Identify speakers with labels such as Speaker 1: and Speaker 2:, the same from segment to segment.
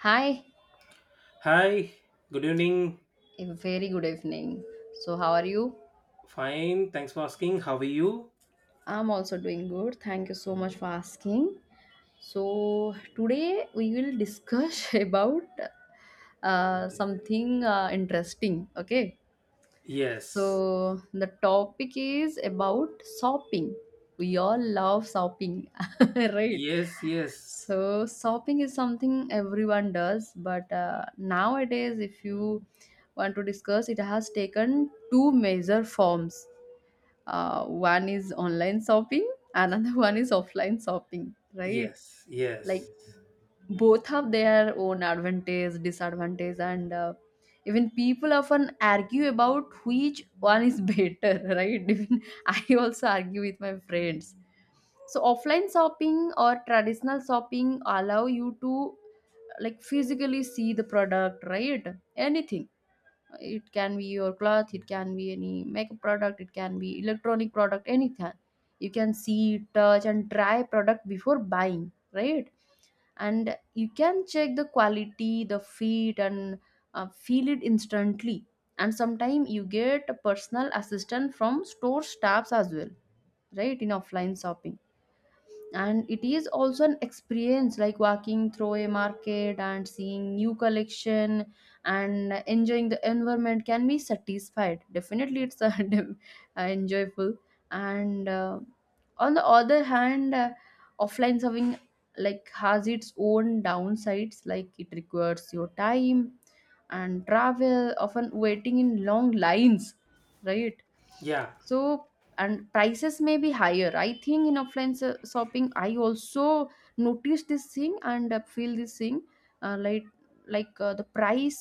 Speaker 1: Hi,
Speaker 2: Hi, good evening.
Speaker 1: a very good evening. So, how are you?
Speaker 2: Fine, thanks for asking. How are you?
Speaker 1: I'm also doing good. Thank you so much for asking. So, today we will discuss about something interesting. Okay.
Speaker 2: Yes,
Speaker 1: So the topic is about shopping. We all love shopping, right?
Speaker 2: yes, yes,
Speaker 1: So shopping is something everyone does, but nowadays, if you want to discuss, it has taken two major forms. One is online shopping, another one is offline shopping, right?
Speaker 2: yes,
Speaker 1: Like
Speaker 2: yes,
Speaker 1: both have their own advantage disadvantage and even people often argue about which one is better, right? Even I also argue with my friends. So offline shopping or traditional shopping allow you to, like, physically see the product, right? Anything, it can be your cloth, it can be any makeup product, it can be electronic product, anything. You can see, touch, and try product before buying, right? And you can check the quality, the fit, and feel it instantly. And sometimes you get a personal assistant from store staffs as well, right, in offline shopping. And it is also an experience. Like walking through a market and seeing new collection and enjoying the environment can be satisfied, definitely. It's a enjoyable. And on the other hand, offline serving, like, has its own downsides. Like it requires your time and travel, often waiting in long lines, right?
Speaker 2: yeah,
Speaker 1: So, and prices may be higher. I think in offline shopping I also notice this thing and feel this thing. uh, like like, the price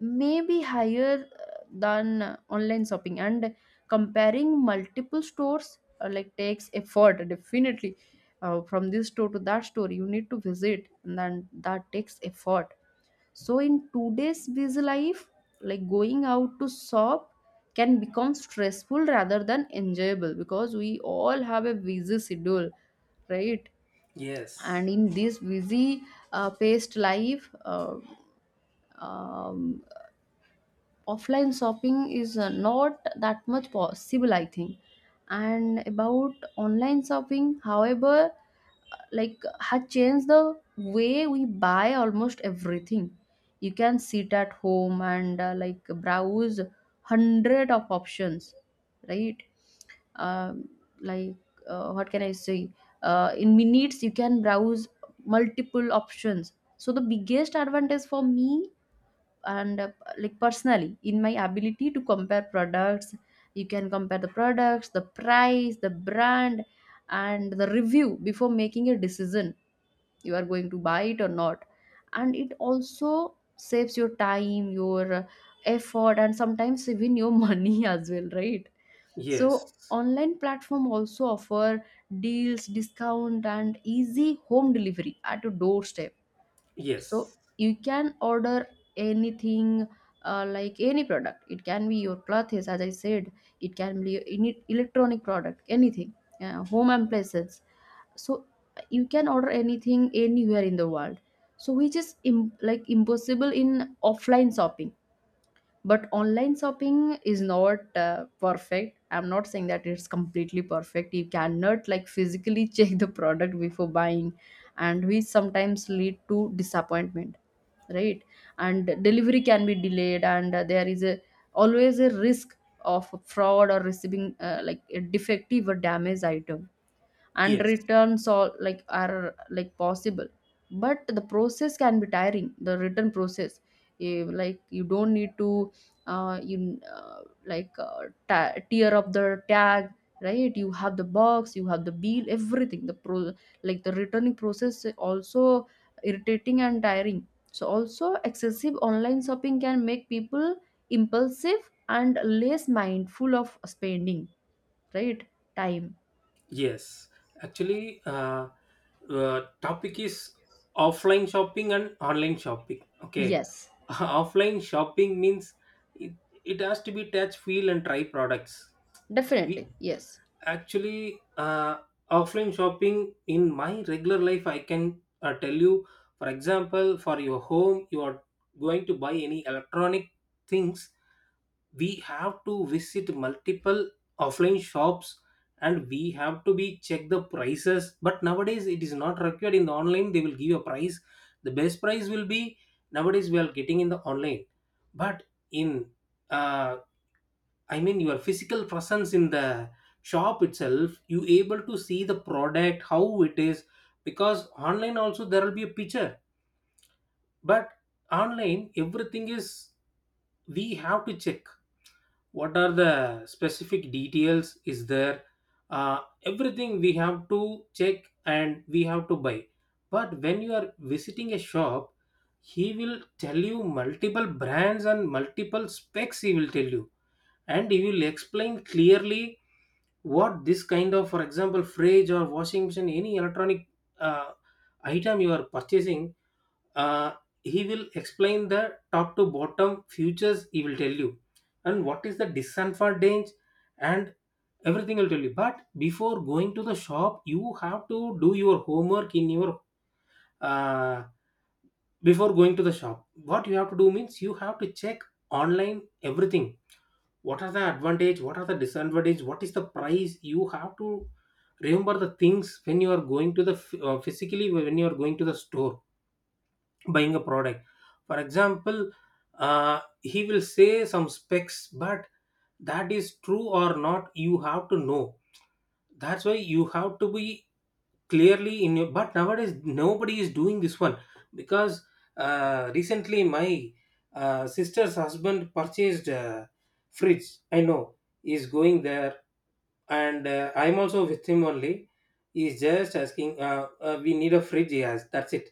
Speaker 1: may be higher than online shopping. And comparing multiple stores, like, takes effort, definitely. From this store to that store you need to visit and then that takes effort. So in today's busy life, like going out to shop can become stressful rather than enjoyable because we all have a busy schedule, right? And
Speaker 2: yes,
Speaker 1: in this busy, paced life, um, offline shopping is not that much possible, I think. And about online shopping, however, like had changed the way we buy almost everything. You can sit at home and like browse hundred of options, right? um, like, what can I say, in minutes you can browse multiple options. So the biggest advantage for me, and like, personally, in my ability to compare products. You can compare the products, the price, the brand, and the review before making a decision. You are going to buy it or not. And it also saves your time, your effort, and sometimes even your money as well, right? So
Speaker 2: yes,
Speaker 1: online platform also offer deals, discount, and easy home delivery at your doorstep. So
Speaker 2: yes,
Speaker 1: you can order anything, like any product. It can be your clothes, as I said. It can be any electronic product, anything, home appliances. So you can order anything anywhere in the world, so which is like impossible in offline shopping. But online shopping is not perfect. I'm not saying that it's completely perfect. You cannot, like, physically check the product before buying, and which sometimes lead to disappointment, right? And delivery can be delayed, and there is a always a risk of fraud or receiving like a defective or damaged item. And
Speaker 2: yes,
Speaker 1: returns all, like, are, like, possible. But the process can be tiring, the return process. Like, you don't need to, uh, you uh, tear up the tag, right? You have the box, you have the bill, everything. The pro like the returning process is also irritating and tiring. So also, excessive online shopping can make people impulsive and less mindful of spending, right? Time.
Speaker 2: yes. Actually, topic is offline shopping and online shopping. Okay,
Speaker 1: Yes.
Speaker 2: offline shopping means it, it has to be touch, feel, and try products. We
Speaker 1: Definitely. Yes.
Speaker 2: actually, offline shopping in my regular life I can, tell you. For example, for your home, you are going to buy any electronic things, we have to visit multiple offline shops and we have to be check the prices, but nowadays it is not required. In the online they will give a price, the best price will be, nowadays we are getting in the online. But in, uh, I mean your physical presence in the shop itself, you able to see the product, how it is, because online also there will be a picture. But online everything is, we have to check what are the specific details is there. Everything we have to check and we have to buy. But when you are visiting a shop, he will tell you multiple brands and multiple specs he will tell you, and he will explain clearly what this kind of, for example, fridge or washing machine, any electronic, uh, item you are purchasing, uh, he will explain the top to bottom futures he will tell you, and what is the disadvantage, and everything will tell you. But before going to the shop you have to do your homework in your, uh, before going to the shop what you have to do means you have to check online everything, what are the advantage, what are the disadvantage, what is the price. You have to remember the things when you are going to the physically, when you are going to the store buying a product. For example, he will say some specs, but that is true or not you have to know. That's why you have to be clearly in your, but nowadays nobody is doing this one. Because, recently my, sister's husband purchased a fridge. I know he's going there, and, I'm also with him only. He's just asking, we need a fridge he has, that's it.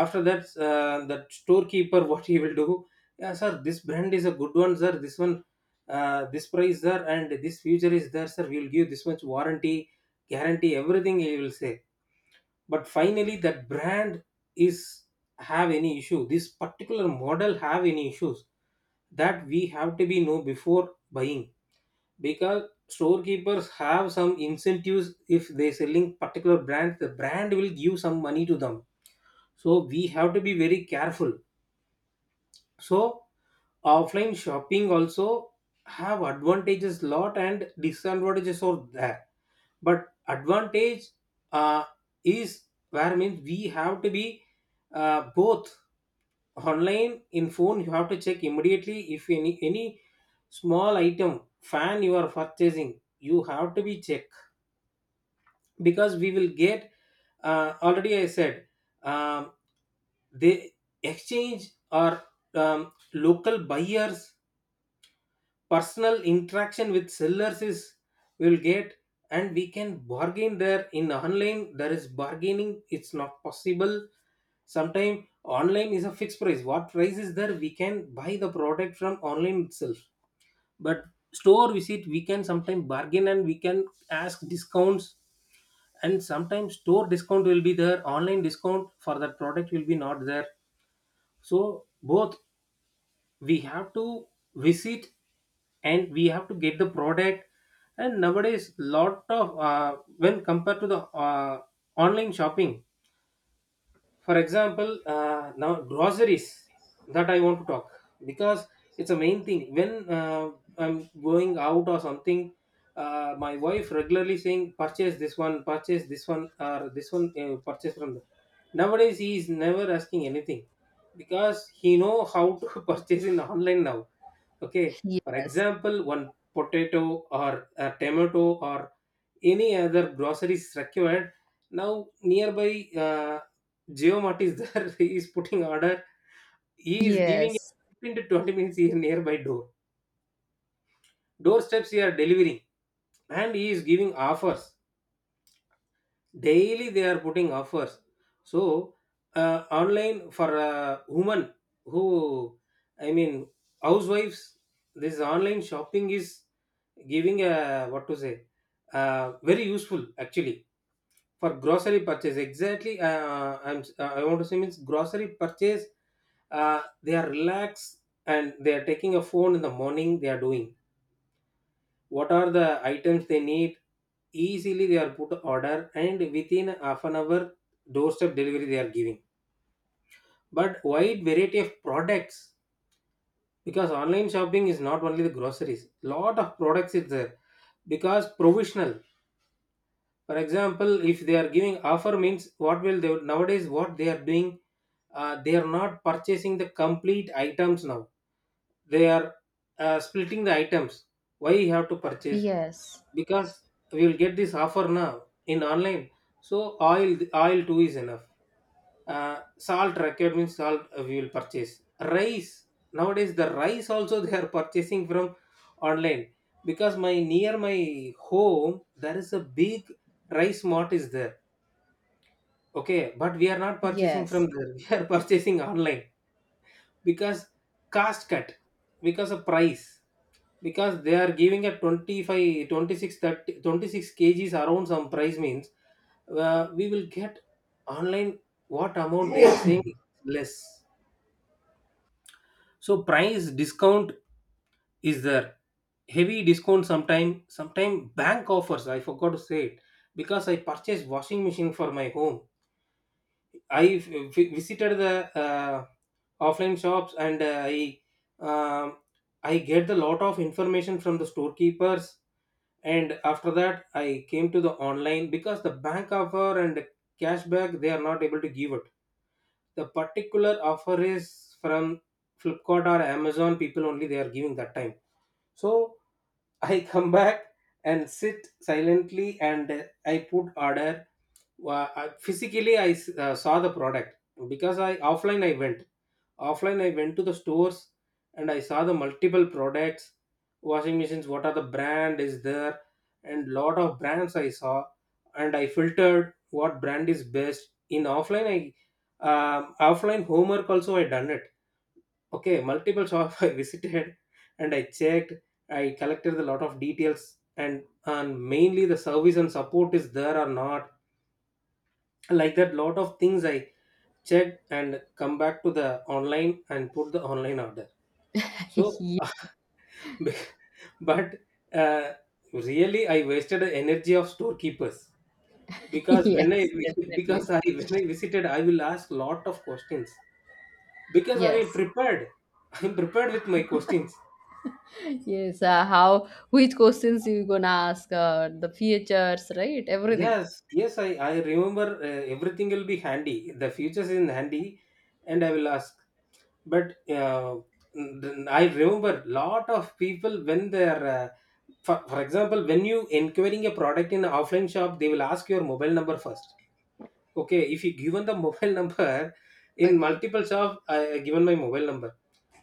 Speaker 2: After that, that storekeeper what he will do, yeah sir this brand is a good one sir, this one, this price sir, and this feature is there sir, we'll give this much warranty guarantee everything he will say. But finally that brand is have any issue, this particular model have any issues, that we have to be know before buying. Because storekeepers have some incentives, if they selling particular brand the brand will give some money to them. So we have to be very careful. So offline shopping also have advantages lot, and disadvantages are there. But advantage, uh, is, where means we have to be, both online in phone you have to check immediately, if any any small item fan you are purchasing, you have to be check. Because we will get, already I said, um, they exchange or, um, local buyers, personal interaction with sellers is we'll get, and we can bargain there. In online there is bargaining, it's not possible. Sometimes online is a fixed price, what price is there we can buy the product from online itself. But store visit we can sometimes bargain and we can ask discounts. And sometimes store discount will be there, online discount for that product will be not there. So both we have to visit and we have to get the product. And nowadays lot of, when compared to the, online shopping. For example, now groceries, that I want to talk, because it's a main thing. When, I'm going out or something, my wife regularly saying purchase this one, purchase this one, or this one, purchase from the, nowadays he is never asking anything, because he know how to purchase in online now, okay. For
Speaker 1: Yes,
Speaker 2: example, one potato or a tomato or any other groceries required, now nearby, geomart is there. He is putting order, he is giving
Speaker 1: yes,
Speaker 2: 15 to 20 minutes, here nearby door, doorsteps he are delivering. And he is giving offers, daily they are putting offers. So, online for, women who, I mean housewives, this online shopping is giving a what to say, very useful actually. For grocery purchase exactly, I want to say means grocery purchase, they are relaxed, and they are taking a phone in the morning they are doing, what are the items they need, easily they are put order, and within half an hour doorstep delivery they are giving. But wide variety of products, because online shopping is not only the groceries, lot of products is there. Because provisional, for example, if they are giving offer means what will they, nowadays what they are doing, they are not purchasing the complete items now, they are, splitting the items, why you have to purchase.
Speaker 1: yes,
Speaker 2: Because we will get this offer now in online. So oil, too is enough. Salt required means salt, we will purchase rice. Nowadays the rice also they are purchasing from online. Because my near my home there is a big rice mart is there, okay, but we are not purchasing from
Speaker 1: yes.
Speaker 2: there. We are purchasing online. Because cost cut, because of price, because they are giving a 25, 26, 30, 26 kgs around some price means, we will get online. What amount they are saying, less. So price discount is there, heavy discount. Sometime bank offers, I forgot to say it. Because I purchased washing machine for my home. I visited the, offline shops, and, um, I get the lot of information from the storekeepers. And after that I came to the online because the bank offer and cashback they are not able to give it. The particular offer is from Flipkart or Amazon people only they are giving that time. So I come back and sit silently and I put order. Physically I saw the product, because I offline I went, offline I went to the stores, and I saw the multiple products, washing machines, what are the brand is there, and lot of brands I saw. And I filtered what brand is best in offline. I, offline homework also I done it, okay. Multiple shop I visited, and I checked. I collected a lot of details, and mainly the service and support is there or not, like that lot of things I checked, and come back to the online and put the online order. So,
Speaker 1: Ye-
Speaker 2: but, uh, really, I wasted the energy of storekeepers. Because when I
Speaker 1: yes,
Speaker 2: because
Speaker 1: definitely.
Speaker 2: I when I visited, I will ask lot of questions, because I
Speaker 1: Yes.
Speaker 2: am prepared. I am prepared with my questions.
Speaker 1: Yes, how, which questions you gonna ask, the features, right? Everything.
Speaker 2: Yes, yes, I remember, everything will be handy. The futures in handy, and I will ask. But, then I remember lot of people when they're, for example, when you inquiring a product in an offline shop they will ask your mobile number first, okay. If you given the mobile number in
Speaker 1: Okay.
Speaker 2: multiple shop, I given my mobile number.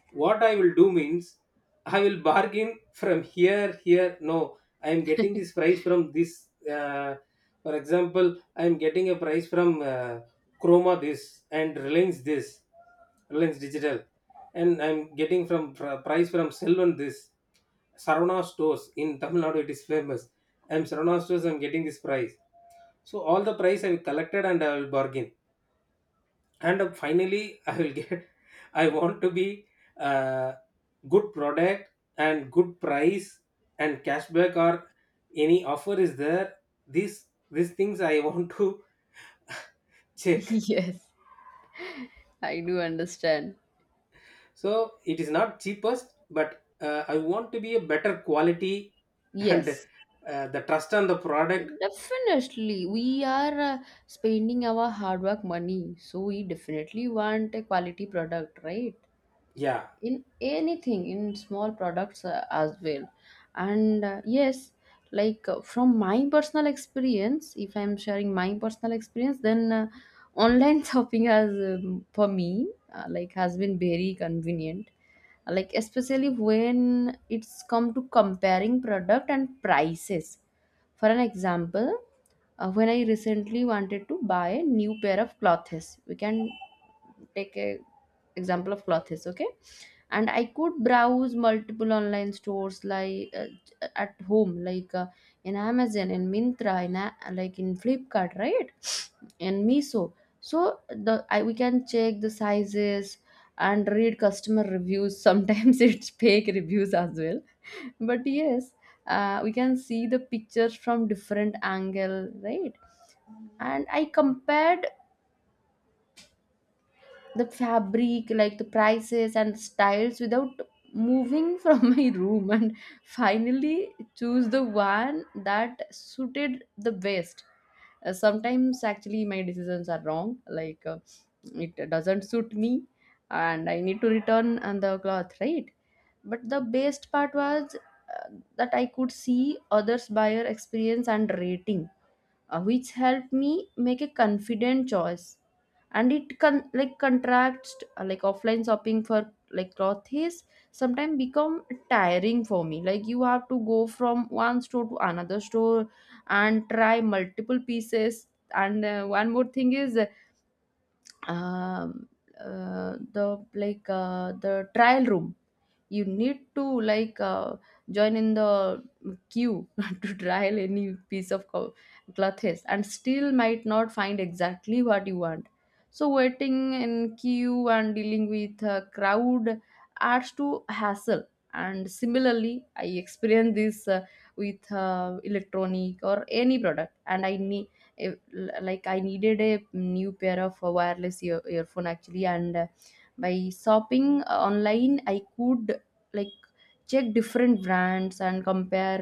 Speaker 2: What I will do means, I will bargain from here, here no I am getting this price from this, uh, for example I am getting a price from, Chroma this, and Reliance this, Reliance Digital, and I'm getting from price from Selvan this, Sarvana Stores in Tamil Nadu, it is famous. I'm Sarvana Stores I'm getting this price. So all the price I have collected and I will bargain. And, finally I will get. I want to be, uh, good product and good price, and cashback or any offer is there, these, things I want to check.
Speaker 1: Yes, I do understand.
Speaker 2: So it is not cheapest, but, I want to be a better quality, and,
Speaker 1: Yes.
Speaker 2: the trust on the product.
Speaker 1: Definitely. We are spending our hard work money. So we definitely want a quality product, right?
Speaker 2: Yeah.
Speaker 1: In anything, in small products as well. And yes, like from my personal experience, if I'm sharing my personal experience, then online shopping has, for me, like, has been very convenient, like especially when it's come to comparing product and prices. For an example, when I recently wanted to buy a new pair of clothes, we can take a example of clothes, okay. And I could browse multiple online stores, like at home, like in Amazon, in Mintra, in like in Flipkart, right? In Miso. So we can check the sizes and read customer reviews. Sometimes it's fake reviews as well, but yes, we can see the pictures from different angle, right? And I compared the fabric, like the prices and styles, without moving from my room, and finally choose the one that suited the best. Sometimes actually my decisions are wrong, like it doesn't suit me and I need to return and the cloth, right? But the best part was uh, that I could see others buyer experience and rating, which help me make a confident choice. And it can, like, contracts like offline shopping for, like, cloth is sometimes become tiring for me. Like you have to go from one store to another store and try multiple pieces. And one more thing is, um, the like, the trial room. You need to, like, join in the queue to trial any piece of clothes, and still might not find exactly what you want. So waiting in queue and dealing with a crowd adds to hassle. And similarly I experience this with electronic or any product. And I ne if, like, I needed a new pair of wireless earphone actually. And by shopping online, I could, like, check different brands and compare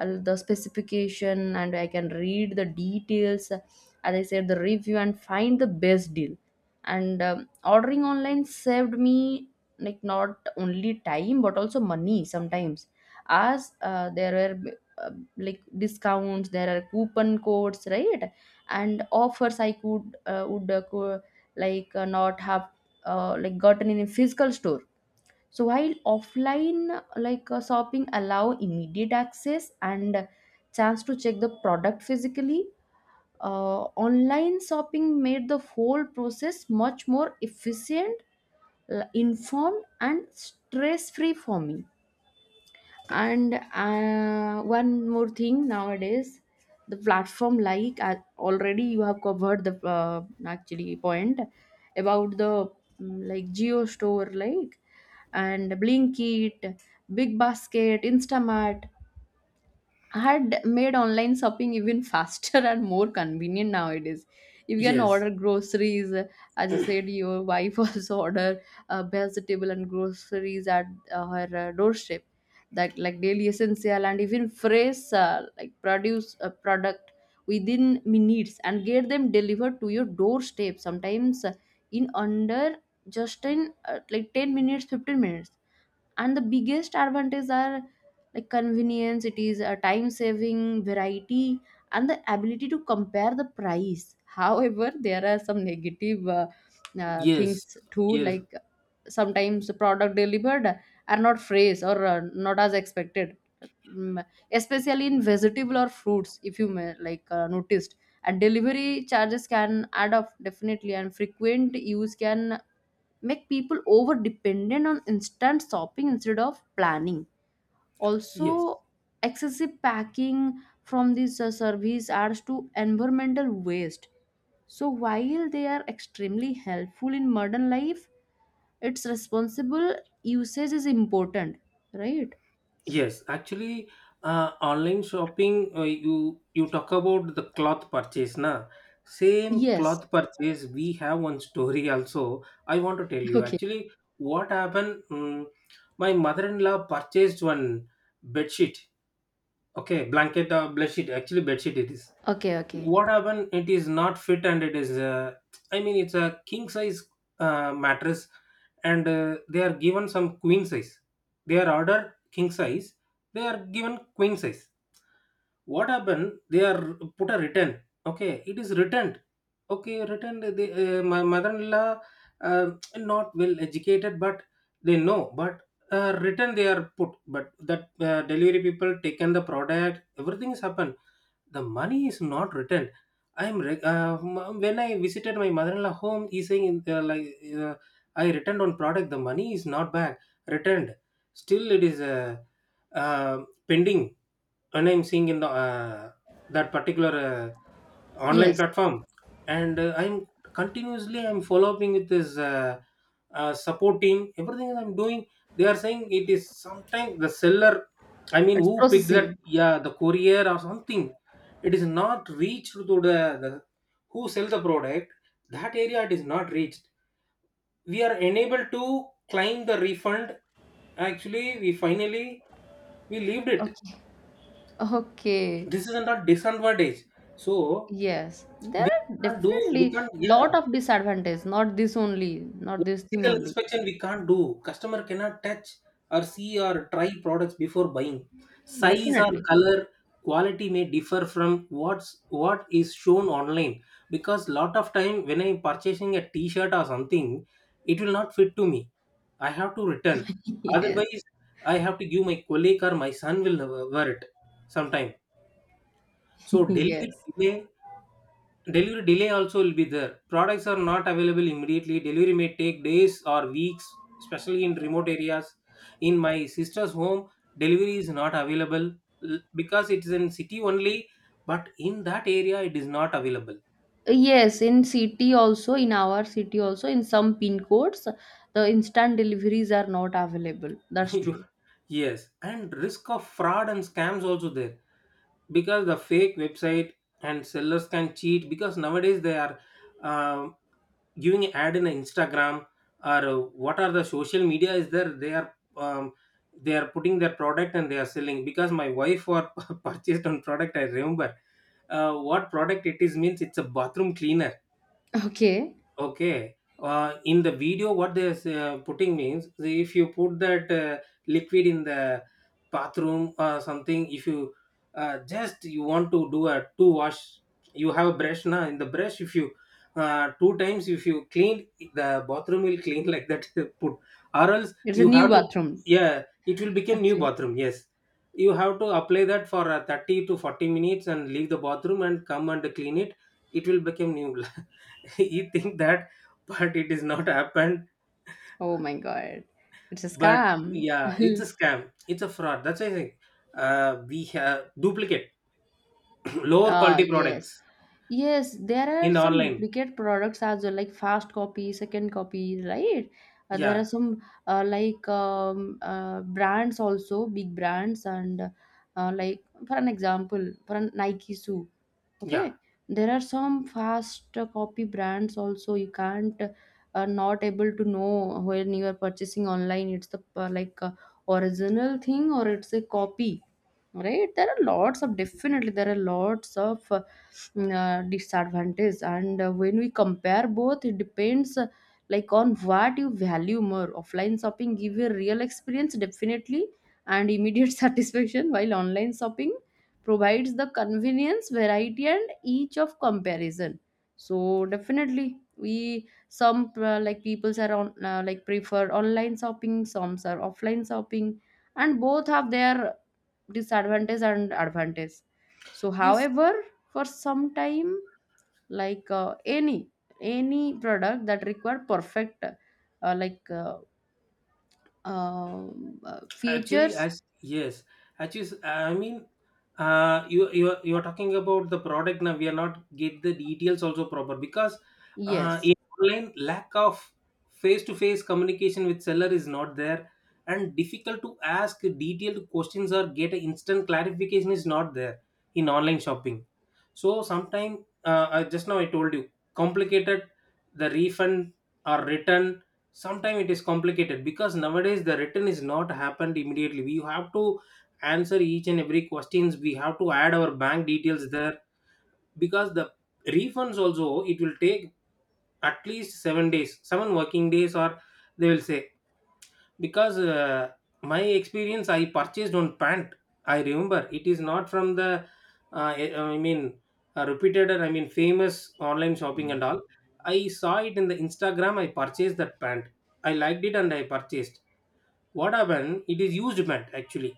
Speaker 1: the specification, and I can read the details, as I said, the review, and find the best deal. And ordering online saved me, like, not only time but also money sometimes, as there were uh, like discounts, there are coupon codes, right? And offers I could would like not have like gotten in a physical store. So while offline, like, shopping allow immediate access and chance to check the product physically, online shopping made the whole process much more efficient, informed, and stress free for me. And one more thing nowadays, the platform, like, already you have covered the actually point about the, like, Geo Store, like, and Blinkit, Big Basket, Instamart had made online shopping even faster and more convenient nowadays. You can
Speaker 2: Yes,
Speaker 1: order groceries, as you said your wife also order vegetable and groceries at her doorstep. That, like, daily essential, and even fresh like produce a product within minutes, and get them delivered to your doorstep, sometimes in under, just in like 10 minutes, 15 minutes. And the biggest advantages are, like, convenience. It is a time saving, variety, and the ability to compare the price. however, there are some negative
Speaker 2: yes,
Speaker 1: things too,
Speaker 2: yes,
Speaker 1: like sometimes the product delivered are not fresh or not as expected. Mm, especially in vegetable or fruits, if you may, like, noticed. And delivery charges can add up, definitely. And frequent use can make people over dependent on instant shopping instead of planning.
Speaker 2: yes.
Speaker 1: Also, excessive packing from this service adds to environmental waste. So while they are extremely helpful in modern life, its responsible usage is important, right?
Speaker 2: Yes, actually, online shopping. You you talk about the cloth purchase, na? Same
Speaker 1: Yes.
Speaker 2: cloth purchase. We have one story also. I want to tell you.
Speaker 1: Okay.
Speaker 2: Actually, what happened? My mother-in-law purchased one bed sheet. Okay, blanket or bed sheet. Actually, bed sheet it is
Speaker 1: Okay. Okay.
Speaker 2: what happened, it is not fit. And it is I mean it's a king size mattress, and they are given some queen size. They are ordered king size, they are given queen size. What happened, they are put a return. Okay, it is returned. Okay, returned they, my mother-in-law, uh, not well educated but they know. But written they are put, but that delivery people taken the product, everything has happened. The money is not returned. I am re- m- When I visited my mother-in-law home, he saying like, uh, I returned on product, the money is not back. Returned, still it is uh, pending. And I'm seeing in the that particular online
Speaker 1: Yes.
Speaker 2: platform. And I'm continuously I'm following with this support team, everything I'm doing. They are saying it is sometimes the seller, I mean
Speaker 1: It's
Speaker 2: who picked that,
Speaker 1: processing.
Speaker 2: yeah, the courier or something. It is not reached to the who sell the product, that area it is not reached. We are unable to claim the refund. Actually, we finally we leaved it.
Speaker 1: Okay. Okay.
Speaker 2: This is not disadvantage. So
Speaker 1: Yes, there
Speaker 2: we
Speaker 1: are
Speaker 2: can't do, we
Speaker 1: definitely
Speaker 2: can't, yeah.
Speaker 1: lot of disadvantages, not this only, not this thing
Speaker 2: Physical
Speaker 1: only.
Speaker 2: inspection we can't do, customer cannot touch or see or try products before buying size or
Speaker 1: Definitely.
Speaker 2: color. Quality may differ from what is shown online, because lot of time when I'm purchasing a t-shirt or something, it will not fit to me, I have to return.
Speaker 1: Yes.
Speaker 2: Otherwise I have to give my colleague, or my son will wear it sometime. So
Speaker 1: Yes.
Speaker 2: delivery delay also will be there. Products are not available immediately, delivery may take days or weeks, especially in remote areas. In my sister's home delivery is not available, l- because it is in city only, but in that area it is not available.
Speaker 1: Yes, in city also, in our city also, in some pin codes, the instant deliveries are not available. That's
Speaker 2: You-
Speaker 1: true.
Speaker 2: yes, and risk of fraud and scams also there, because the fake website and sellers can cheat. Because nowadays they are uh, giving an ad in Instagram, or what are the social media is there, they are putting their product and they are selling. Because my wife were purchased on product, I remember. What product it is means, it's a bathroom cleaner.
Speaker 1: Okay.
Speaker 2: Okay. In the video, what they're putting means, the- if you put that liquid in the bathroom or something, if you just you want to do a two wash, you have a brush now. In the brush, if you two times if you clean, the bathroom will clean like that. Put, or else
Speaker 1: It's a
Speaker 2: you
Speaker 1: new
Speaker 2: have to,
Speaker 1: bathroom.
Speaker 2: yeah, it will become new
Speaker 1: Okay.
Speaker 2: bathroom. Yes, you have to apply that for 30 to 40 minutes and leave the bathroom and come and clean it. It will become new. You think that, but it is not happened.
Speaker 1: Oh my God. It's a
Speaker 2: But
Speaker 1: scam.
Speaker 2: yeah, it's a scam, it's a fraud. That's why I think we have duplicate lower
Speaker 1: Ah,
Speaker 2: quality
Speaker 1: yes.
Speaker 2: products
Speaker 1: Yes, there are
Speaker 2: in
Speaker 1: some
Speaker 2: online.
Speaker 1: duplicate products as well, like fast copy, second copy, right? There
Speaker 2: Yeah,
Speaker 1: are some like brands also, big brands, and like for an example, for an Nike shoe,
Speaker 2: yeah,
Speaker 1: okay. There are some fast copy brands also. You can't, not able to know when you are purchasing online, it's the like original thing or it's a copy, right? There are lots of, definitely there are lots of disadvantage. And when we compare both, it depends, like, on what you value more. Offline shopping give you a real experience, definitely, and immediate satisfaction, while online shopping provides the convenience, variety, and each of comparison. So definitely, we some like peoples are on, like, prefer online shopping, some are offline shopping, and both have their disadvantage and advantage. So,
Speaker 2: yes.
Speaker 1: however, for some time, like any product that require perfect like
Speaker 2: Actually,
Speaker 1: features,
Speaker 2: as yes, actually, I mean, you are talking about the product now. We are not get the details also proper. Because
Speaker 1: yes,
Speaker 2: in online, lack of face to face communication with seller is not there, and difficult to ask detailed questions or get an instant clarification is not there in online shopping. So sometime just now I told you, complicated, the refund or return, sometime it is complicated. Because nowadays the return is not happened immediately, we have to answer each and every questions, we have to add our bank details there. Because the refunds also it will take at least 7 days, 7 working days or they will say. Because my experience, I purchased one pant. I remember it is not from the uh, i I mean, repeated or I mean famous online shopping and all. I saw it in the Instagram, I purchased that pant, I liked it and I purchased. What happened, it is used pant actually.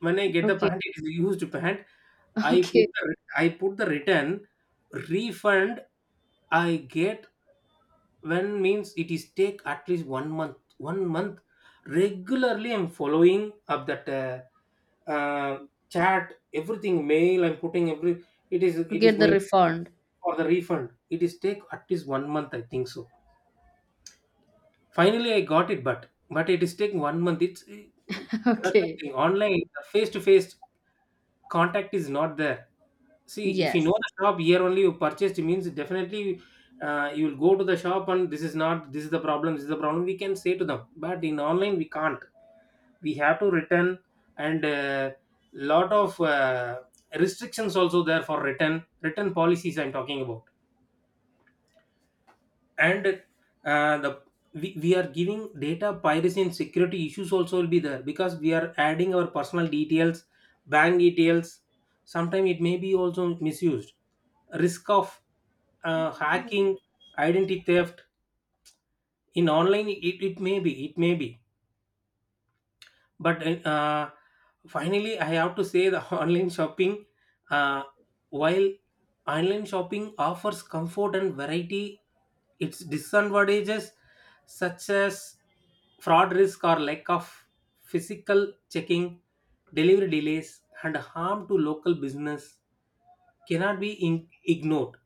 Speaker 2: When I get the
Speaker 1: okay.
Speaker 2: pant, it is a used pant. i put
Speaker 1: okay,
Speaker 2: the, I put the return, refund. I get, when means it is take at least 1 month. Regularly I'm following up that uh, chat, everything mail I'm putting every. It is
Speaker 1: to
Speaker 2: it is
Speaker 1: get the
Speaker 2: going.
Speaker 1: refund.
Speaker 2: For the refund it is take at least 1 month I think so. Finally I got it, but it is taking 1 month. It's that's the
Speaker 1: okay.
Speaker 2: thing, online face to face contact is not there. See, if you know
Speaker 1: Yes,
Speaker 2: the shop here only you purchased means, definitely you will go to the shop and this is not, this is the problem, this is the problem we can say to them. But in online we can't, we have to return. And lot of restrictions also there for return, return policies I'm talking about. And the we are giving, data piracy and security issues also will be there, because we are adding our personal details, bank details, sometimes it may be also misused. Risk of hacking, identity theft in online, it may be, it may be. But uh, finally I have to say the online shopping, uh, while online shopping offers comfort and variety, its disadvantages such as fraud risk, or lack of physical checking, delivery delays, and harm to local business cannot be in- ignored.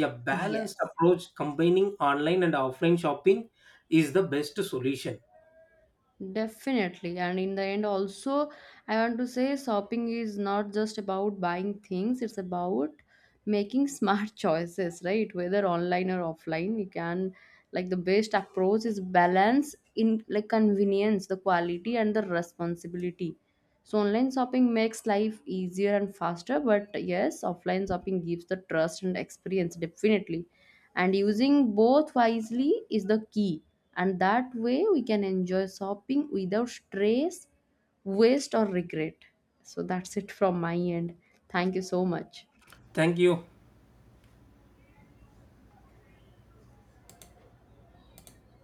Speaker 2: A balanced
Speaker 1: yes,
Speaker 2: approach combining online and offline shopping is the best solution.
Speaker 1: definitely. And in the end, also, I want to say shopping is not just about buying things, it's about making smart choices, right? Whether online or offline, you can, like, the best approach is balance in, like, convenience, the quality, and the responsibility. So, online shopping makes life easier and faster, but yes, offline shopping gives the trust and experience, definitely. And using both wisely is the key, and that way we can enjoy shopping without stress, waste, or regret. So that's it from my end. Thank you so much.
Speaker 2: Thank you.